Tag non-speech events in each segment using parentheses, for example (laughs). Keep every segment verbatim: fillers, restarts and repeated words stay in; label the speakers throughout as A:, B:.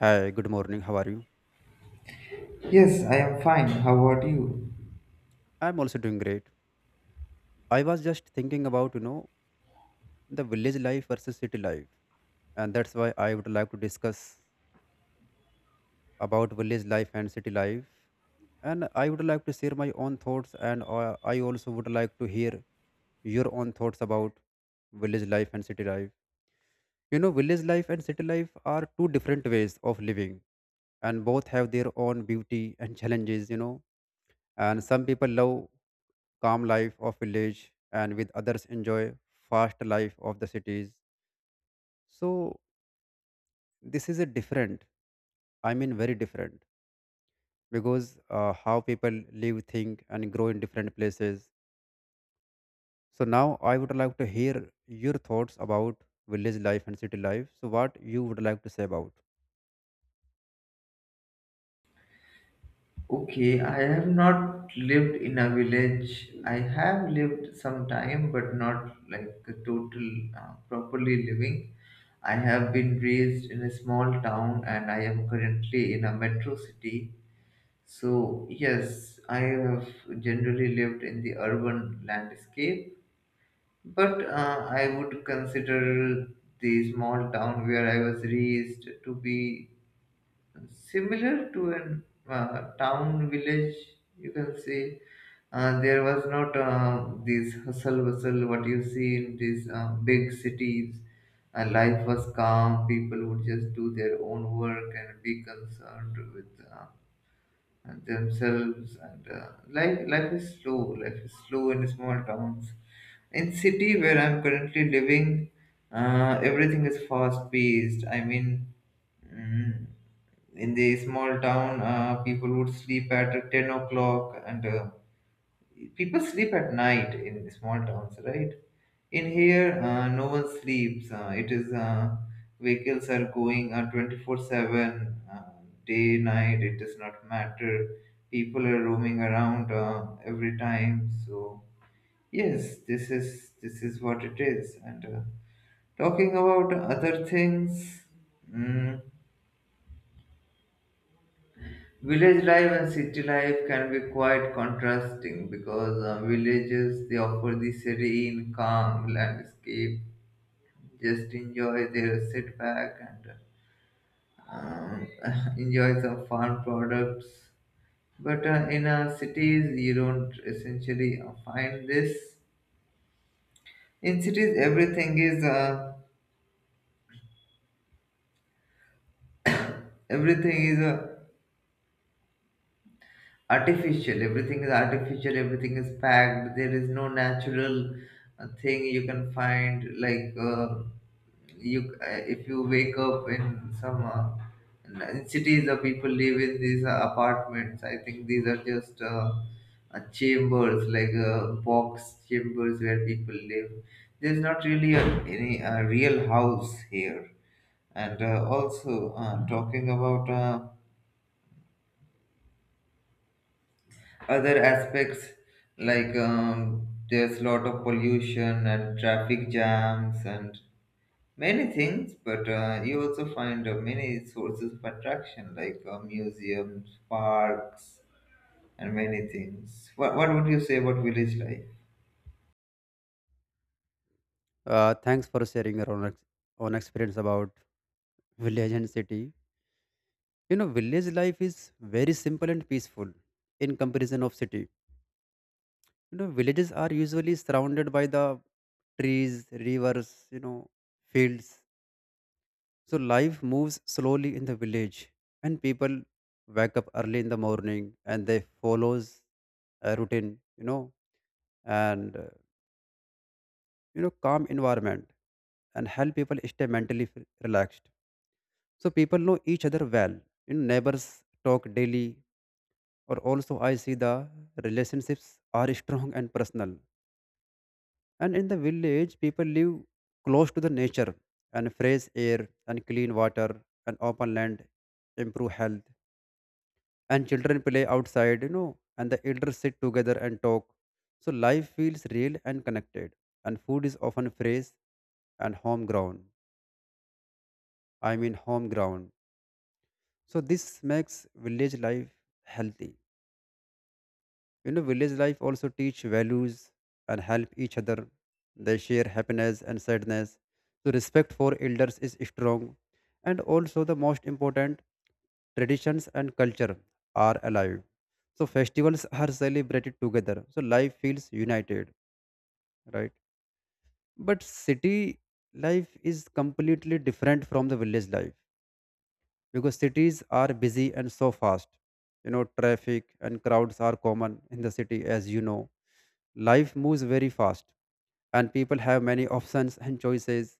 A: Hi, good morning. How are you?
B: Yes, I am fine. How about you?
A: I'm also doing great. I was just thinking about, you know, the village life versus city life. And that's why I would like to discuss about village life and city life. And I would like to share my own thoughts, and uh, I also would like to hear your own thoughts about village life and city life. You know, village life and city life are two different ways of living, and both have their own beauty and challenges, you know and some people love calm life of village, and with others enjoy fast life of the cities. So this is a different, I mean, very different because, uh, how people live, think and grow in different places. So now I would like to hear your thoughts about village life and city life. So what you would like to say about?
B: Okay, I have not lived in a village. I have lived some time, but not like a total uh, properly living. I have been raised in a small town and I am currently in a metro city. So, yes, I have generally lived in the urban landscape, but uh, I would consider the small town where I was raised to be similar to an uh, town village you can see. Uh, there was not uh, this hustle bustle what you see in these uh, big cities. Uh, life was calm. People would just do their own work and be concerned with uh, themselves, and uh, life life is slow. Life is slow in small towns. In city where I'm currently living, uh, everything is fast paced. i mean Mm. In the small town, uh, people would sleep at ten o'clock, and uh, people sleep at night in the small towns, right? In here, uh, no one sleeps. Uh, it is uh, vehicles are going uh, twenty-four seven, uh, day, night. It does not matter. People are roaming around uh, every time. So yes, this is this is what it is. And uh, talking about other things. Mm, Village life and city life can be quite contrasting because uh, villages, they offer the serene, calm landscape. Just enjoy their setback and um, (laughs) enjoy some farm products. But uh, in uh, cities, you don't essentially uh, find this. In cities, everything is uh, everything is uh, artificial. Everything is artificial. Everything is packed. There is no natural uh, thing you can find. Like uh, you uh, If you wake up in some uh, in in cities, the people live in these uh, apartments. I think these are just uh, uh, chambers like uh, box chambers where people live. There's not really a, any a real house here. And uh, also uh, talking about uh, other aspects like, um, there's a lot of pollution and traffic jams and many things, but uh, you also find uh, many sources of attraction like uh, museums, parks, and many things. What, what would you say about village life?
A: Uh, thanks for sharing your own, ex- own experience about village and city. you know village life is very simple and peaceful in comparison of city. you know villages are usually surrounded by the trees, rivers, you know fields. So life moves slowly in the village, and people wake up early in the morning, and they follows a routine. you know and uh, you know calm environment and help people stay mentally f- relaxed. So people know each other well. you know neighbors talk daily. Or also I see the relationships are strong and personal. And in the village, people live close to the nature, and fresh air, and clean water, and open land improve health. And children play outside, you know, and the elders sit together and talk. So life feels real and connected. And food is often fresh and home grown. I mean, home ground. So this makes village life healthy. You know, village life also teach values and help each other. They share happiness and sadness. So respect for elders is strong. And also the most important, traditions and culture are alive. So festivals are celebrated together. So life feels united, right? But city life is completely different from the village life because cities are busy and so fast. You know, traffic and crowds are common in the city, as you know. Life moves very fast, and people have many options and choices.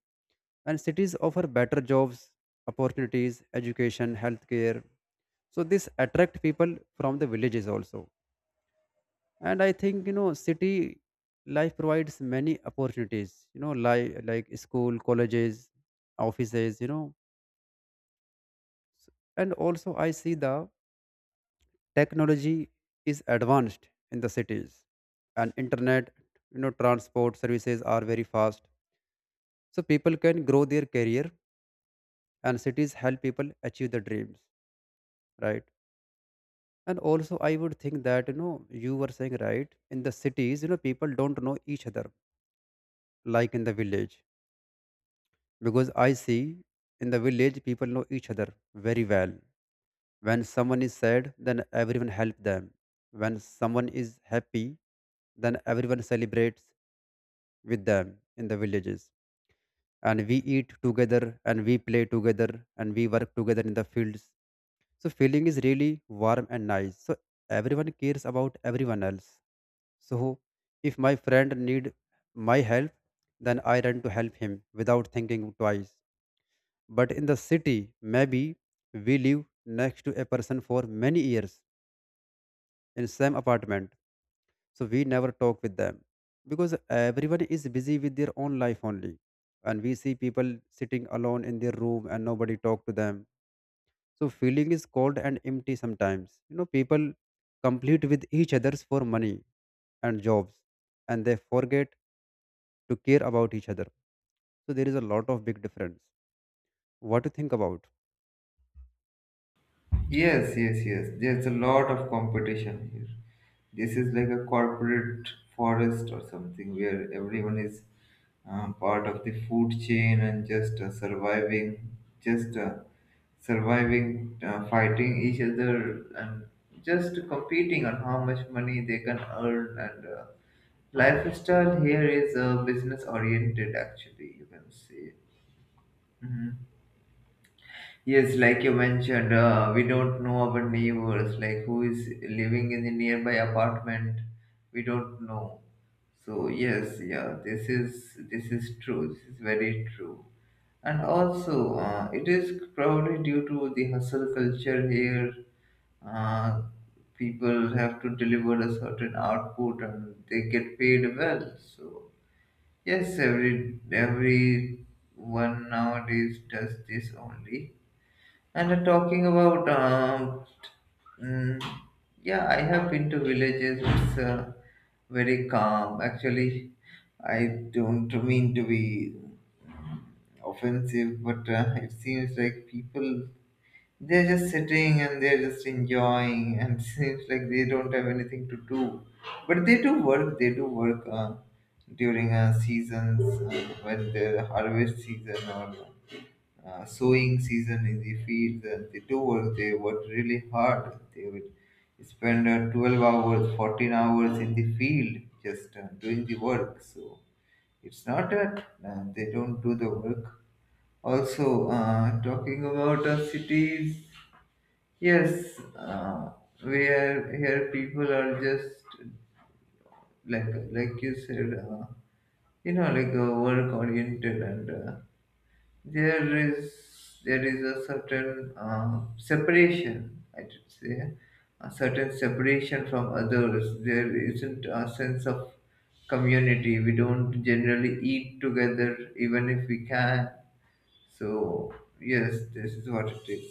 A: And cities offer better jobs, opportunities, education, healthcare. So this attract people from the villages also. And I think, you know, city life provides many opportunities. You know, like like school, colleges, offices. You know, and also I see the technology is advanced in the cities, and internet, you know transport services are very fast, so people can grow their career, and cities help people achieve their dreams, right? And also I would think that you know you were saying right, in the cities, you know people don't know each other like in the village, because I see in the village people know each other very well. When someone is sad, then everyone help them. When someone is happy, then everyone celebrates with them in the villages. And we eat together, and we play together, and we work together in the fields. So feeling is really warm and nice. So everyone cares about everyone else. So if my friend need my help, then I run to help him without thinking twice. But in the city, maybe we live next to a person for many years in same apartment, so we never talk with them because everyone is busy with their own life only. And we see people sitting alone in their room, and nobody talk to them. So feeling is cold and empty sometimes. you know people compete with each others for money and jobs, and they forget to care about each other. So there is a lot of big difference. What to think about?
B: Yes, yes, yes. There's a lot of competition here. This is like a corporate forest or something where everyone is um, part of the food chain and just uh, surviving, just uh, surviving, uh, fighting each other, and just competing on how much money they can earn. And uh, lifestyle here is uh, business oriented, actually, you can say. Mm-hmm. Yes, like you mentioned, uh, we don't know our neighbors, like who is living in the nearby apartment. We don't know. So yes, yeah, this is this is true. This is very true. And also, uh, it is probably due to the hustle culture here. Uh, People have to deliver a certain output, and they get paid well. So yes, every everyone nowadays does this only. And uh, talking about, um, mm, yeah, I have been to villages. It's uh, very calm. Actually, I don't mean to be offensive, but uh, it seems like people, they're just sitting and they're just enjoying, and (laughs) seems like they don't have anything to do. But they do work. They do work uh, during uh, seasons uh, when the harvest season or uh, sowing season in the fields. And they do work. They worked really hard. They would spend uh, twelve hours, fourteen hours in the field just uh, doing the work. So it's not that uh, they don't do the work. Also uh, talking about uh, cities, yes, uh, where here people are just like like you said, uh, you know, like uh, work oriented. And uh, there is there is a certain uh, separation, I should say, a certain separation from others. There isn't a sense of community. We don't generally eat together even if we can. So yes, this is what it is.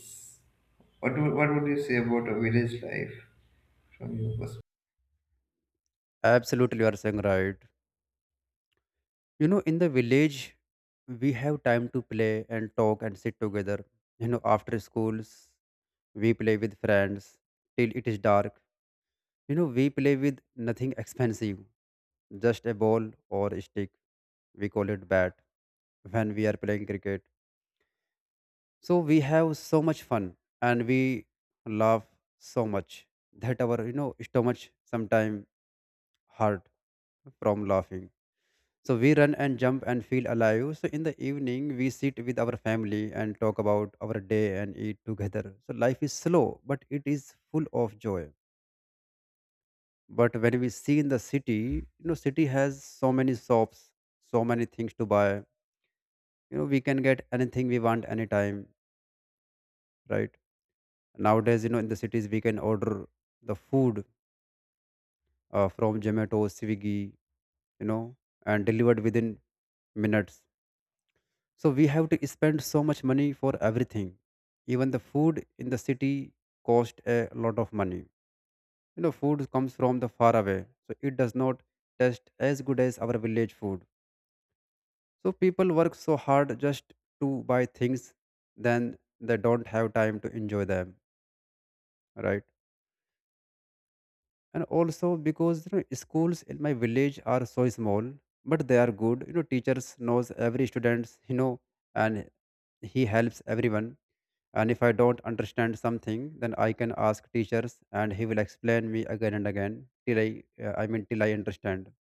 B: What would, what would you say about a village life from your perspective?
A: Absolutely, you are saying right. you know in the village we have time to play and talk and sit together. you know after schools we play with friends till it is dark. You know, we play with nothing expensive, just a ball or a stick. We call it bat when we are playing cricket. So we have so much fun, and we laugh so much that our, you know, stomach sometimes hurt from laughing. So we run and jump and feel alive. So in the evening, we sit with our family and talk about our day and eat together. So life is slow, but it is full of joy. But when we see in the city, you know city has so many shops, so many things to buy. you know we can get anything we want anytime, right? Nowadays, you know in the cities we can order the food, uh, from Zomato, Swiggy, you know and delivered within minutes. So we have to spend so much money for everything. Even the food in the city cost a lot of money. you know food comes from the far away, so it does not taste as good as our village food. So people work so hard just to buy things, then they don't have time to enjoy them, right? And also because you know schools in my village are so small, but they are good. You know, teachers knows every students, you know, and he helps everyone. And if I don't understand something, then I can ask teachers, and he will explain me again and again till I, uh, I mean, till I understand.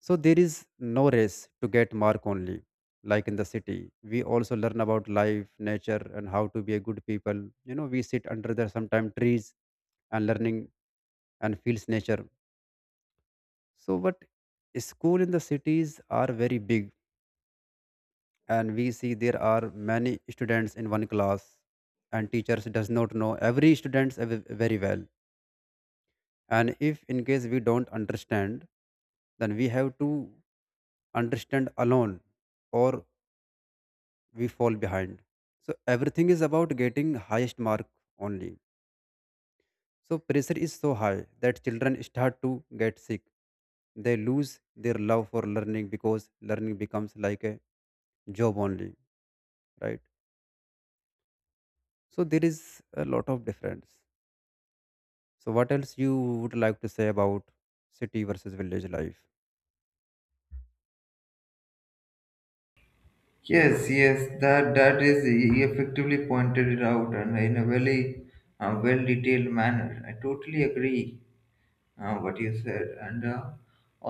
A: So there is no race to get mark only. Like in the city, we also learn about life, nature, and how to be a good people. You know, we sit under the sometime trees and learning and feels nature. So, but school in the cities are very big, and we see there are many students in one class, and teachers does not know every students ev- very well. And if in case we don't understand, then we have to understand alone, or we fall behind. So everything is about getting highest mark only. So pressure is so high that children start to get sick. They lose their love for learning, because learning becomes like a job only, right? So there is a lot of difference. So what else you would like to say about city versus village life?
B: Yes, yes, that that is he effectively pointed it out and in a very uh, well detailed manner. I totally agree uh, what you said. And uh,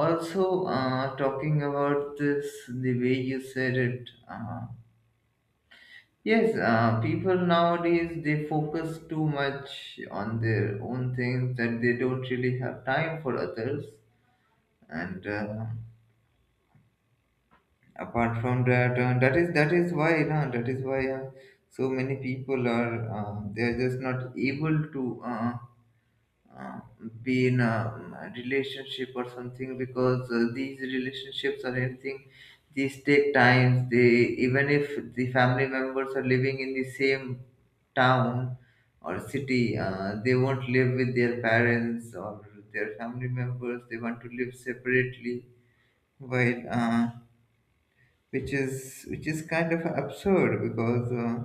B: also uh, talking about this, the way you said it, uh, yes, uh, people nowadays, they focus too much on their own things that they don't really have time for others. And uh, apart from that, uh, that is that is why uh, that is why uh, so many people are uh, they are just not able to uh, uh, be in a, um, relationship or something because uh, these relationships or anything, these take times. They, even if the family members are living in the same town or city, uh, they won't live with their parents or their family members. They want to live separately, while uh, which is which is kind of absurd because uh,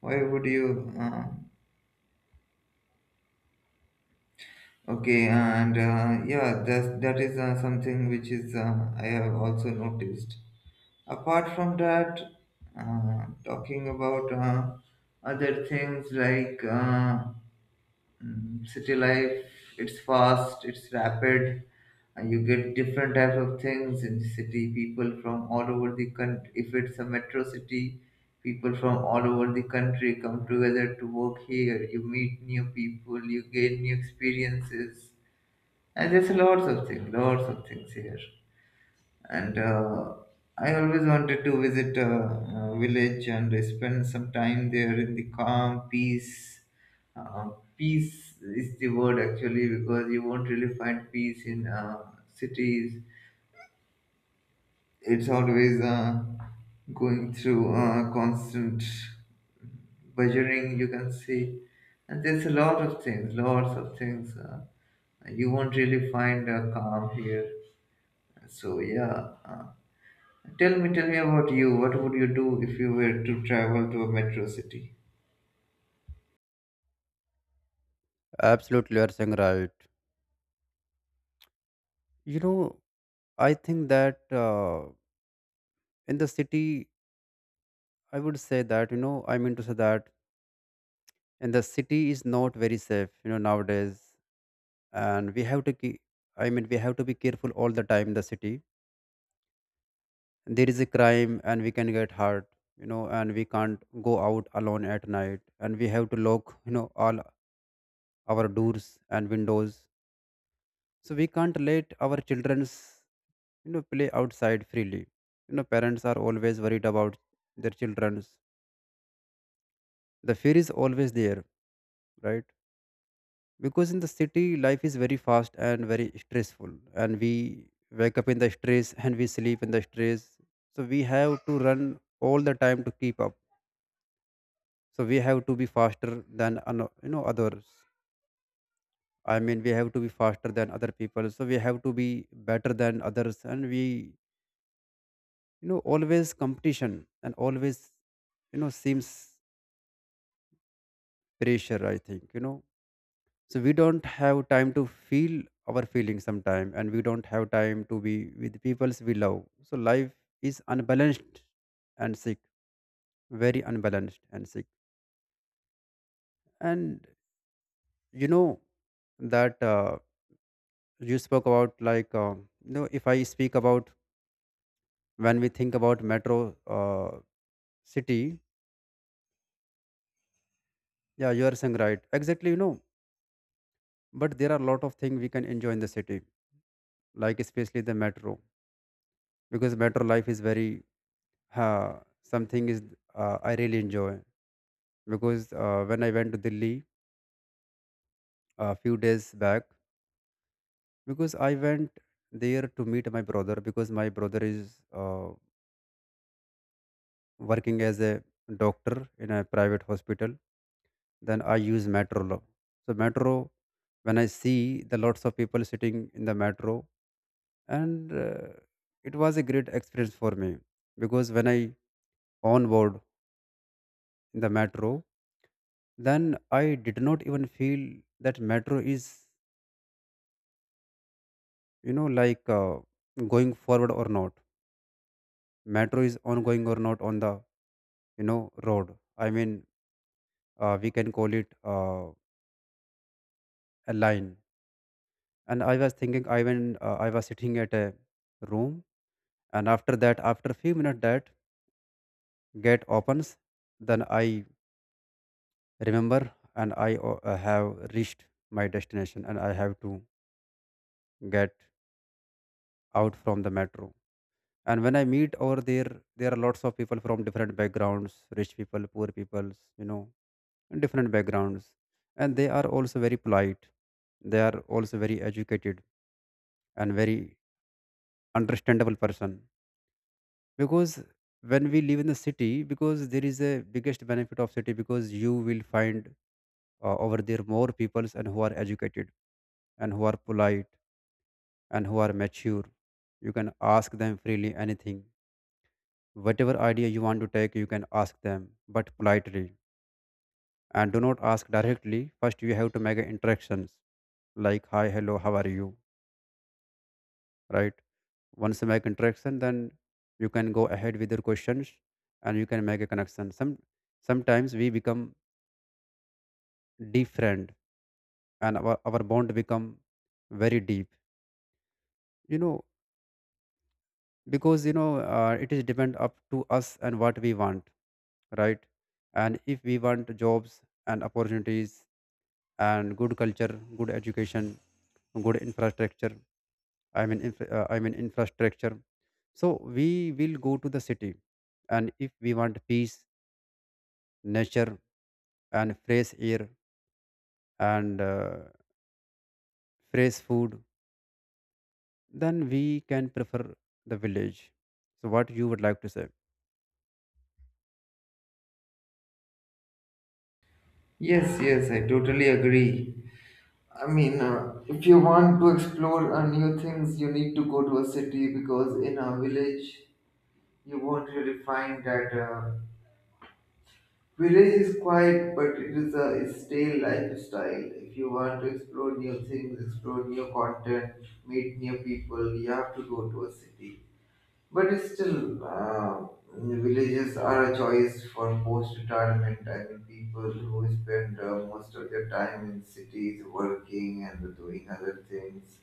B: why would you uh, Okay, and uh, yeah, that that is uh, something which is, uh, I have also noticed. Apart from that, uh, talking about uh, other things like, uh, mm, city life, it's fast, it's rapid. Uh, you get different type of things in city. People from all over the country. If it's a metro city, people from all over the country come together to work here. You meet new people, you gain new experiences, and there's lots of things, lots of things here. And uh, I always wanted to visit a, a village and spend some time there in the calm, peace. Uh, Peace is the word actually, because you won't really find peace in uh, cities. It's always uh, going through uh, constant buzzing, you can see. And there's a lot of things, lots of things. Uh, you won't really find a calm here. So yeah, uh, tell me, tell me about you. What would you do if you were to travel to a metro city?
A: Absolutely, you are saying right. You know, I think that uh, in the city, I would say that, you know, I mean to say that, and the city is not very safe, you know nowadays. And we have to keep, I mean, we have to be careful all the time in the city. There is a crime, and we can get hurt. you know and we can't go out alone at night. And we have to lock, you know all our doors and windows. So we can't let our children's, you know play outside freely. you know parents are always worried about their children's. The fear is always there, right? Because in the city life is very fast and very stressful, and we wake up in the stress, and we sleep in the stress. So we have to run all the time to keep up. So we have to be faster than ano- you know others. I mean, we have to be faster than other people. So we have to be better than others, and we, you know always competition, and always, you know seems pressure, I think you know so we don't have time to feel our feelings sometime, and we don't have time to be with peoples we love. So life is unbalanced and sick. Very unbalanced and sick. And you know that uh, you spoke about like, uh, you know if I speak about when we think about metro, uh, city. Yeah, you are saying right, exactly. you know but there are a lot of things we can enjoy in the city, like especially the metro, because metro life is very— Huh, something is, uh, I really enjoy, because uh, when I went to Delhi a few days back, because I went there to meet my brother, because my brother is uh, working as a doctor in a private hospital. Then I use metro. lo- So metro, when I see the lots of people sitting in the metro, and uh, it was a great experience for me, because when I onboard in the metro, then I did not even feel that metro is, you know, like, uh, going forward or not. Metro is ongoing or not on the, you know, road. I mean, uh, we can call it uh, a line. And I was thinking, I went, uh, I was sitting at a room, and after that, after a few minutes, that gate opens. Then I remember, and I uh, have reached my destination, and I have to get out from the metro. And when I meet over there, there are lots of people from different backgrounds, rich people, poor peoples, you know, and different backgrounds. And they are also very polite, they are also very educated and very understandable person. Because when we live in the city, because there is a biggest benefit of city, because you will find uh, over there more peoples and who are educated and who are polite and who are mature. You can ask them freely anything. Whatever idea you want to take, you can ask them, but politely. And do not ask directly. First, you have to make interactions, like, hi, hello, how are you? Right? Once you make interaction, then you can go ahead with your questions and you can make a connection. Some Sometimes we become deep friend and our, our bond become very deep, you know, because, you know, uh, it is depend up to us and what we want, right? And if we want jobs and opportunities and good culture, good education, good infrastructure. I mean, inf- uh, I mean infrastructure. So we will go to the city, and if we want peace, nature, and fresh air and uh, fresh food, then we can prefer the village. So what you would like to say?
B: Yes, yes, I totally agree. I mean, uh, if you want to explore uh, new things, you need to go to a city because in a village, you won't really find that. Uh, village is quiet, but it is a it's stale lifestyle. If you want to explore new things, explore new content, meet new people, you have to go to a city. But it's still, uh, villages are a choice for post-retirement. I mean, people who spend uh, most of their time in cities working and doing other things,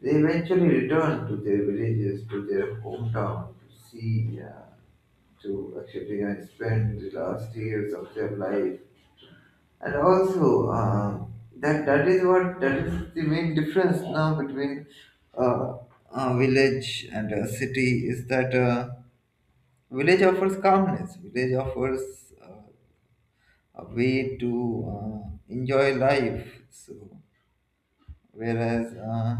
B: they eventually return to their villages, to their hometown, to see, uh, to actually uh, spend the last years of their life. And also, uh, that that is what that is the main difference now between uh, a village and a city is that. Uh, Village offers calmness. Village offers uh, a way to uh, enjoy life. So, whereas uh,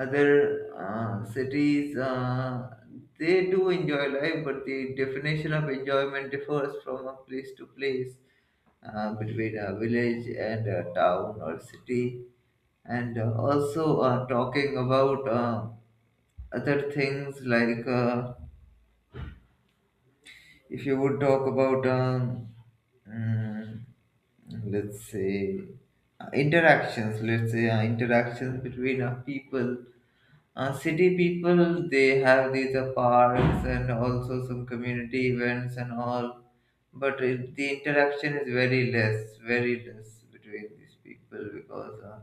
B: other uh, cities, uh, they do enjoy life, but the definition of enjoyment differs from a place to place, uh, between a village and a town or city. And uh, also uh, talking about uh, other things like. Uh, If you would talk about, um, mm, let's say, uh, interactions, let's say uh, interactions between uh, people, uh, city people, they have these uh, parks and also some community events and all, but it, the interaction is very less, very less between these people because uh,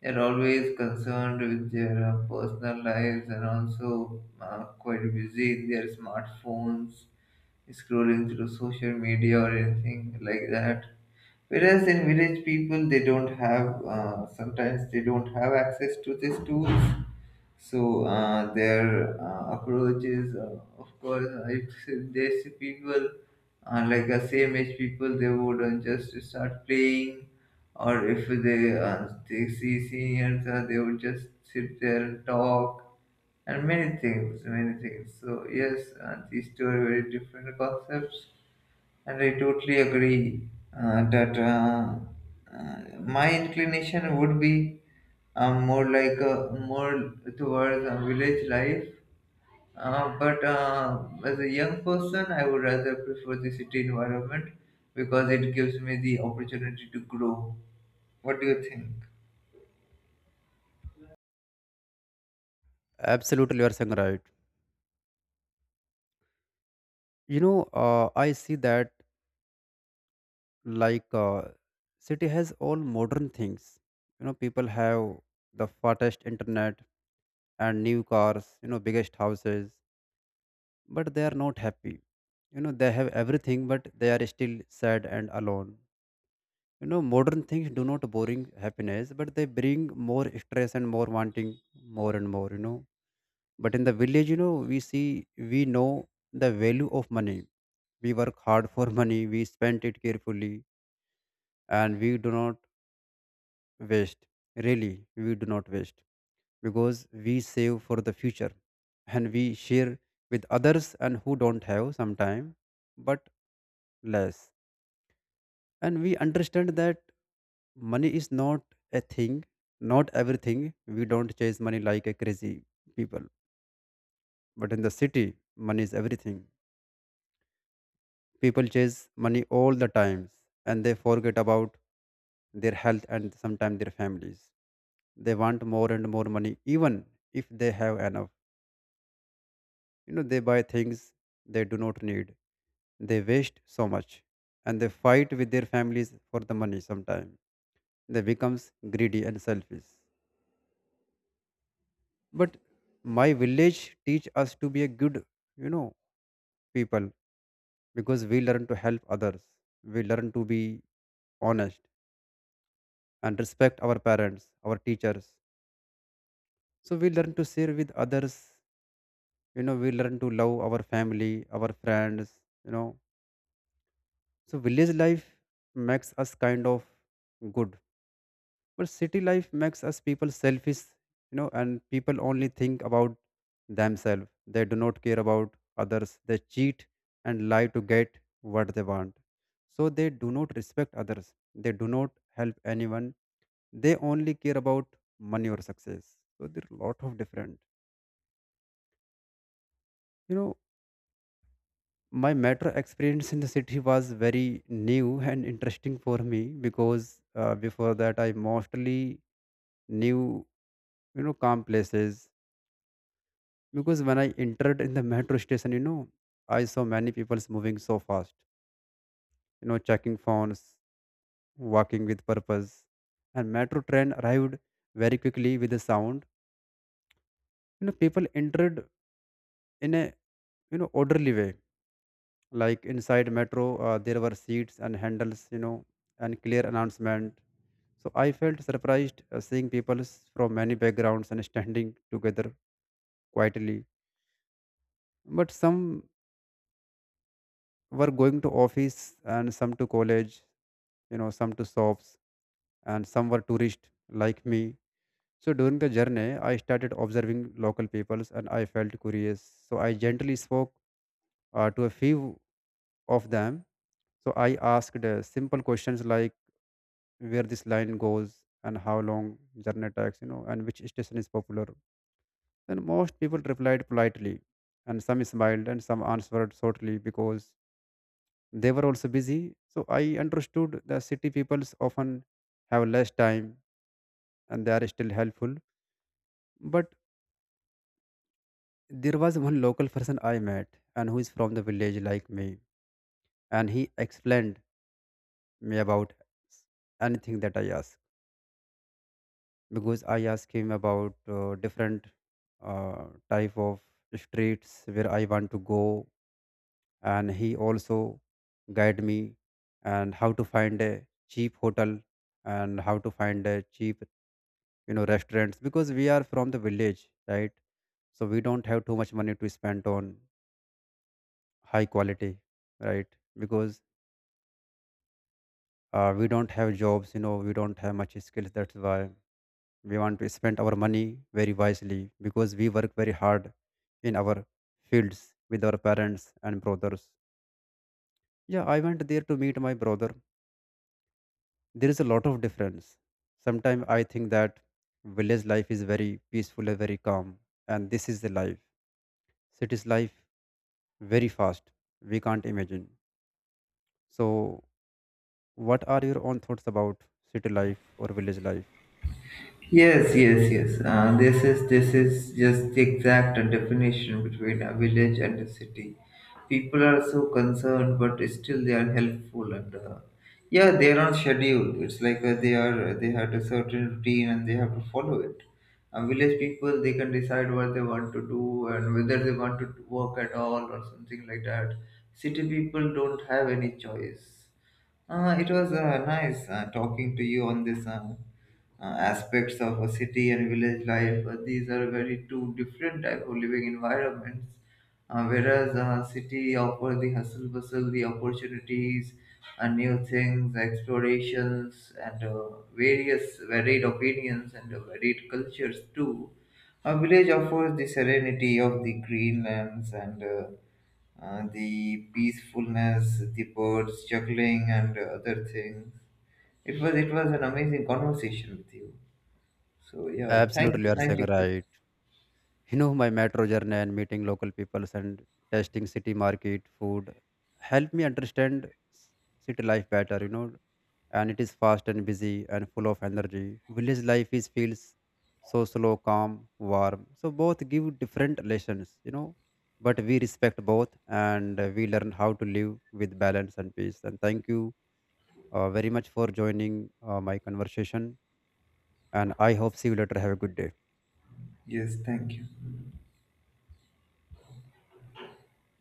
B: they're always concerned with their uh, personal lives and also uh, quite busy in their smartphones scrolling through social media or anything like that. Whereas in village people, they don't have, uh, sometimes they don't have access to these tools. So uh, their uh, approach is, uh, of course, uh, if they see people uh, like the same age people, they would uh, just start playing, or if they uh, they see seniors, uh, they would just sit there and talk and many things, many things. So yes, uh, these two are very different concepts, and I totally agree uh, that uh, uh, my inclination would be um, more like uh, more towards uh, village life. Uh, but uh, as a young person, I would rather prefer the city environment because it gives me the opportunity to grow. What do you think?
A: Absolutely, you are saying right. You know, uh, I see that like uh, city has all modern things. You know, people have the fastest internet and new cars, you know, biggest houses, but they are not happy. You know, they have everything, but they are still sad and alone. You know, modern things do not bring happiness, but they bring more stress and more wanting more and more, you know. But in the village, you know, we see, we know the value of money. We work hard for money, we spend it carefully, and we do not waste. Really, we do not waste, because we save for the future and we share with others and who don't have sometime but less. And we understand that money is not a thing, not everything. We don't chase money like a crazy people. But in the city, money is everything. People chase money all the times and they forget about their health and sometimes their families. They want more and more money even if they have enough. You know, they buy things they do not need. They waste so much and they fight with their families for the money sometimes. They becomes greedy and selfish. But my village teach us to be a good, you know, people, because we learn to help others. We learn to be honest and respect our parents, our teachers. So we learn to share with others, you know, we learn to love our family, our friends, you know. So village life makes us kind of good. But city life makes us people selfish, you know, and people only think about themselves. They do not care about others. They cheat and lie to get what they want. So they do not respect others. They do not help anyone. They only care about money or success. So there are a lot of different. You know, my metro experience in the city was very new and interesting for me, because uh, before that I mostly knew, you know, calm places. Because when I entered in the metro station, you know, I saw many people moving so fast, you know, checking phones, walking with purpose. And metro train arrived very quickly with a sound. You know, people entered in a, you know, orderly way. Like inside metro, uh, there were seats and handles, you know, and clear announcement. So I felt surprised uh, seeing people from many backgrounds and standing together quietly. But some were going to office and some to college, you know, some to shops and some were tourists like me. So during the journey, I started observing local peoples and I felt curious. So I gently spoke uh, to a few of them. So I asked uh, simple questions like where this line goes and how long journey takes, you know, and which station is popular. Then most people replied politely and some smiled and some answered shortly because they were also busy. So I understood the city peoples often have less time and they are still helpful. But there was one local person I met and who is from the village like me, and he explained me about s- anything that I asked. Because I asked him about uh, different uh, type of streets where I want to go, and he also guide me and how to find a cheap hotel and how to find a cheap, you know, restaurants, because we are from the village, right? So we don't have too much money to spend on high quality, right? Because uh, we don't have jobs, you know, we don't have much skills. That's why we want to spend our money very wisely, because we work very hard in our fields with our parents and brothers. Yeah, I went there to meet my brother. There is a lot of difference. Sometimes I think that village life is very peaceful and very calm, and this is the life. City's life very fast. We can't imagine. So what are your own thoughts about city life or village life?
B: Yes, yes, yes. Uh, this is this is just the exact definition between a village and a city. People are so concerned, but still they are helpful, and uh, yeah, they are on schedule. It's like uh, they are they had a certain routine and they have to follow it. And village people, they can decide what they want to do and whether they want to work at all or something like that. City people don't have any choice. Uh, it was uh, nice uh, talking to you on this. Uh, uh, Aspects of a city and village life. Uh, these are very two different type of living environments. Uh, whereas uh, city offers the hustle bustle, the opportunities, uh, new things, explorations, and uh, various varied opinions, and uh, varied cultures too. A village offers the serenity of the green lands, and uh, uh, the peacefulness, the birds juggling, and other things. It was it was an amazing conversation with you. So yeah, thank
A: Absolutely, you
B: you,
A: are
B: thank
A: saying
B: you for this.
A: right. You know, my metro journey and meeting local peoples and testing city market food help me understand s- city life better. You know, and it is fast and busy and full of energy. Village life is feels so slow, calm, warm. So both give different lessons. You know, but we respect both and uh, we learn how to live with balance and peace. And thank you uh, very much for joining uh, my conversation. And I hope see you later. Have a good day.
B: Yes, thank you.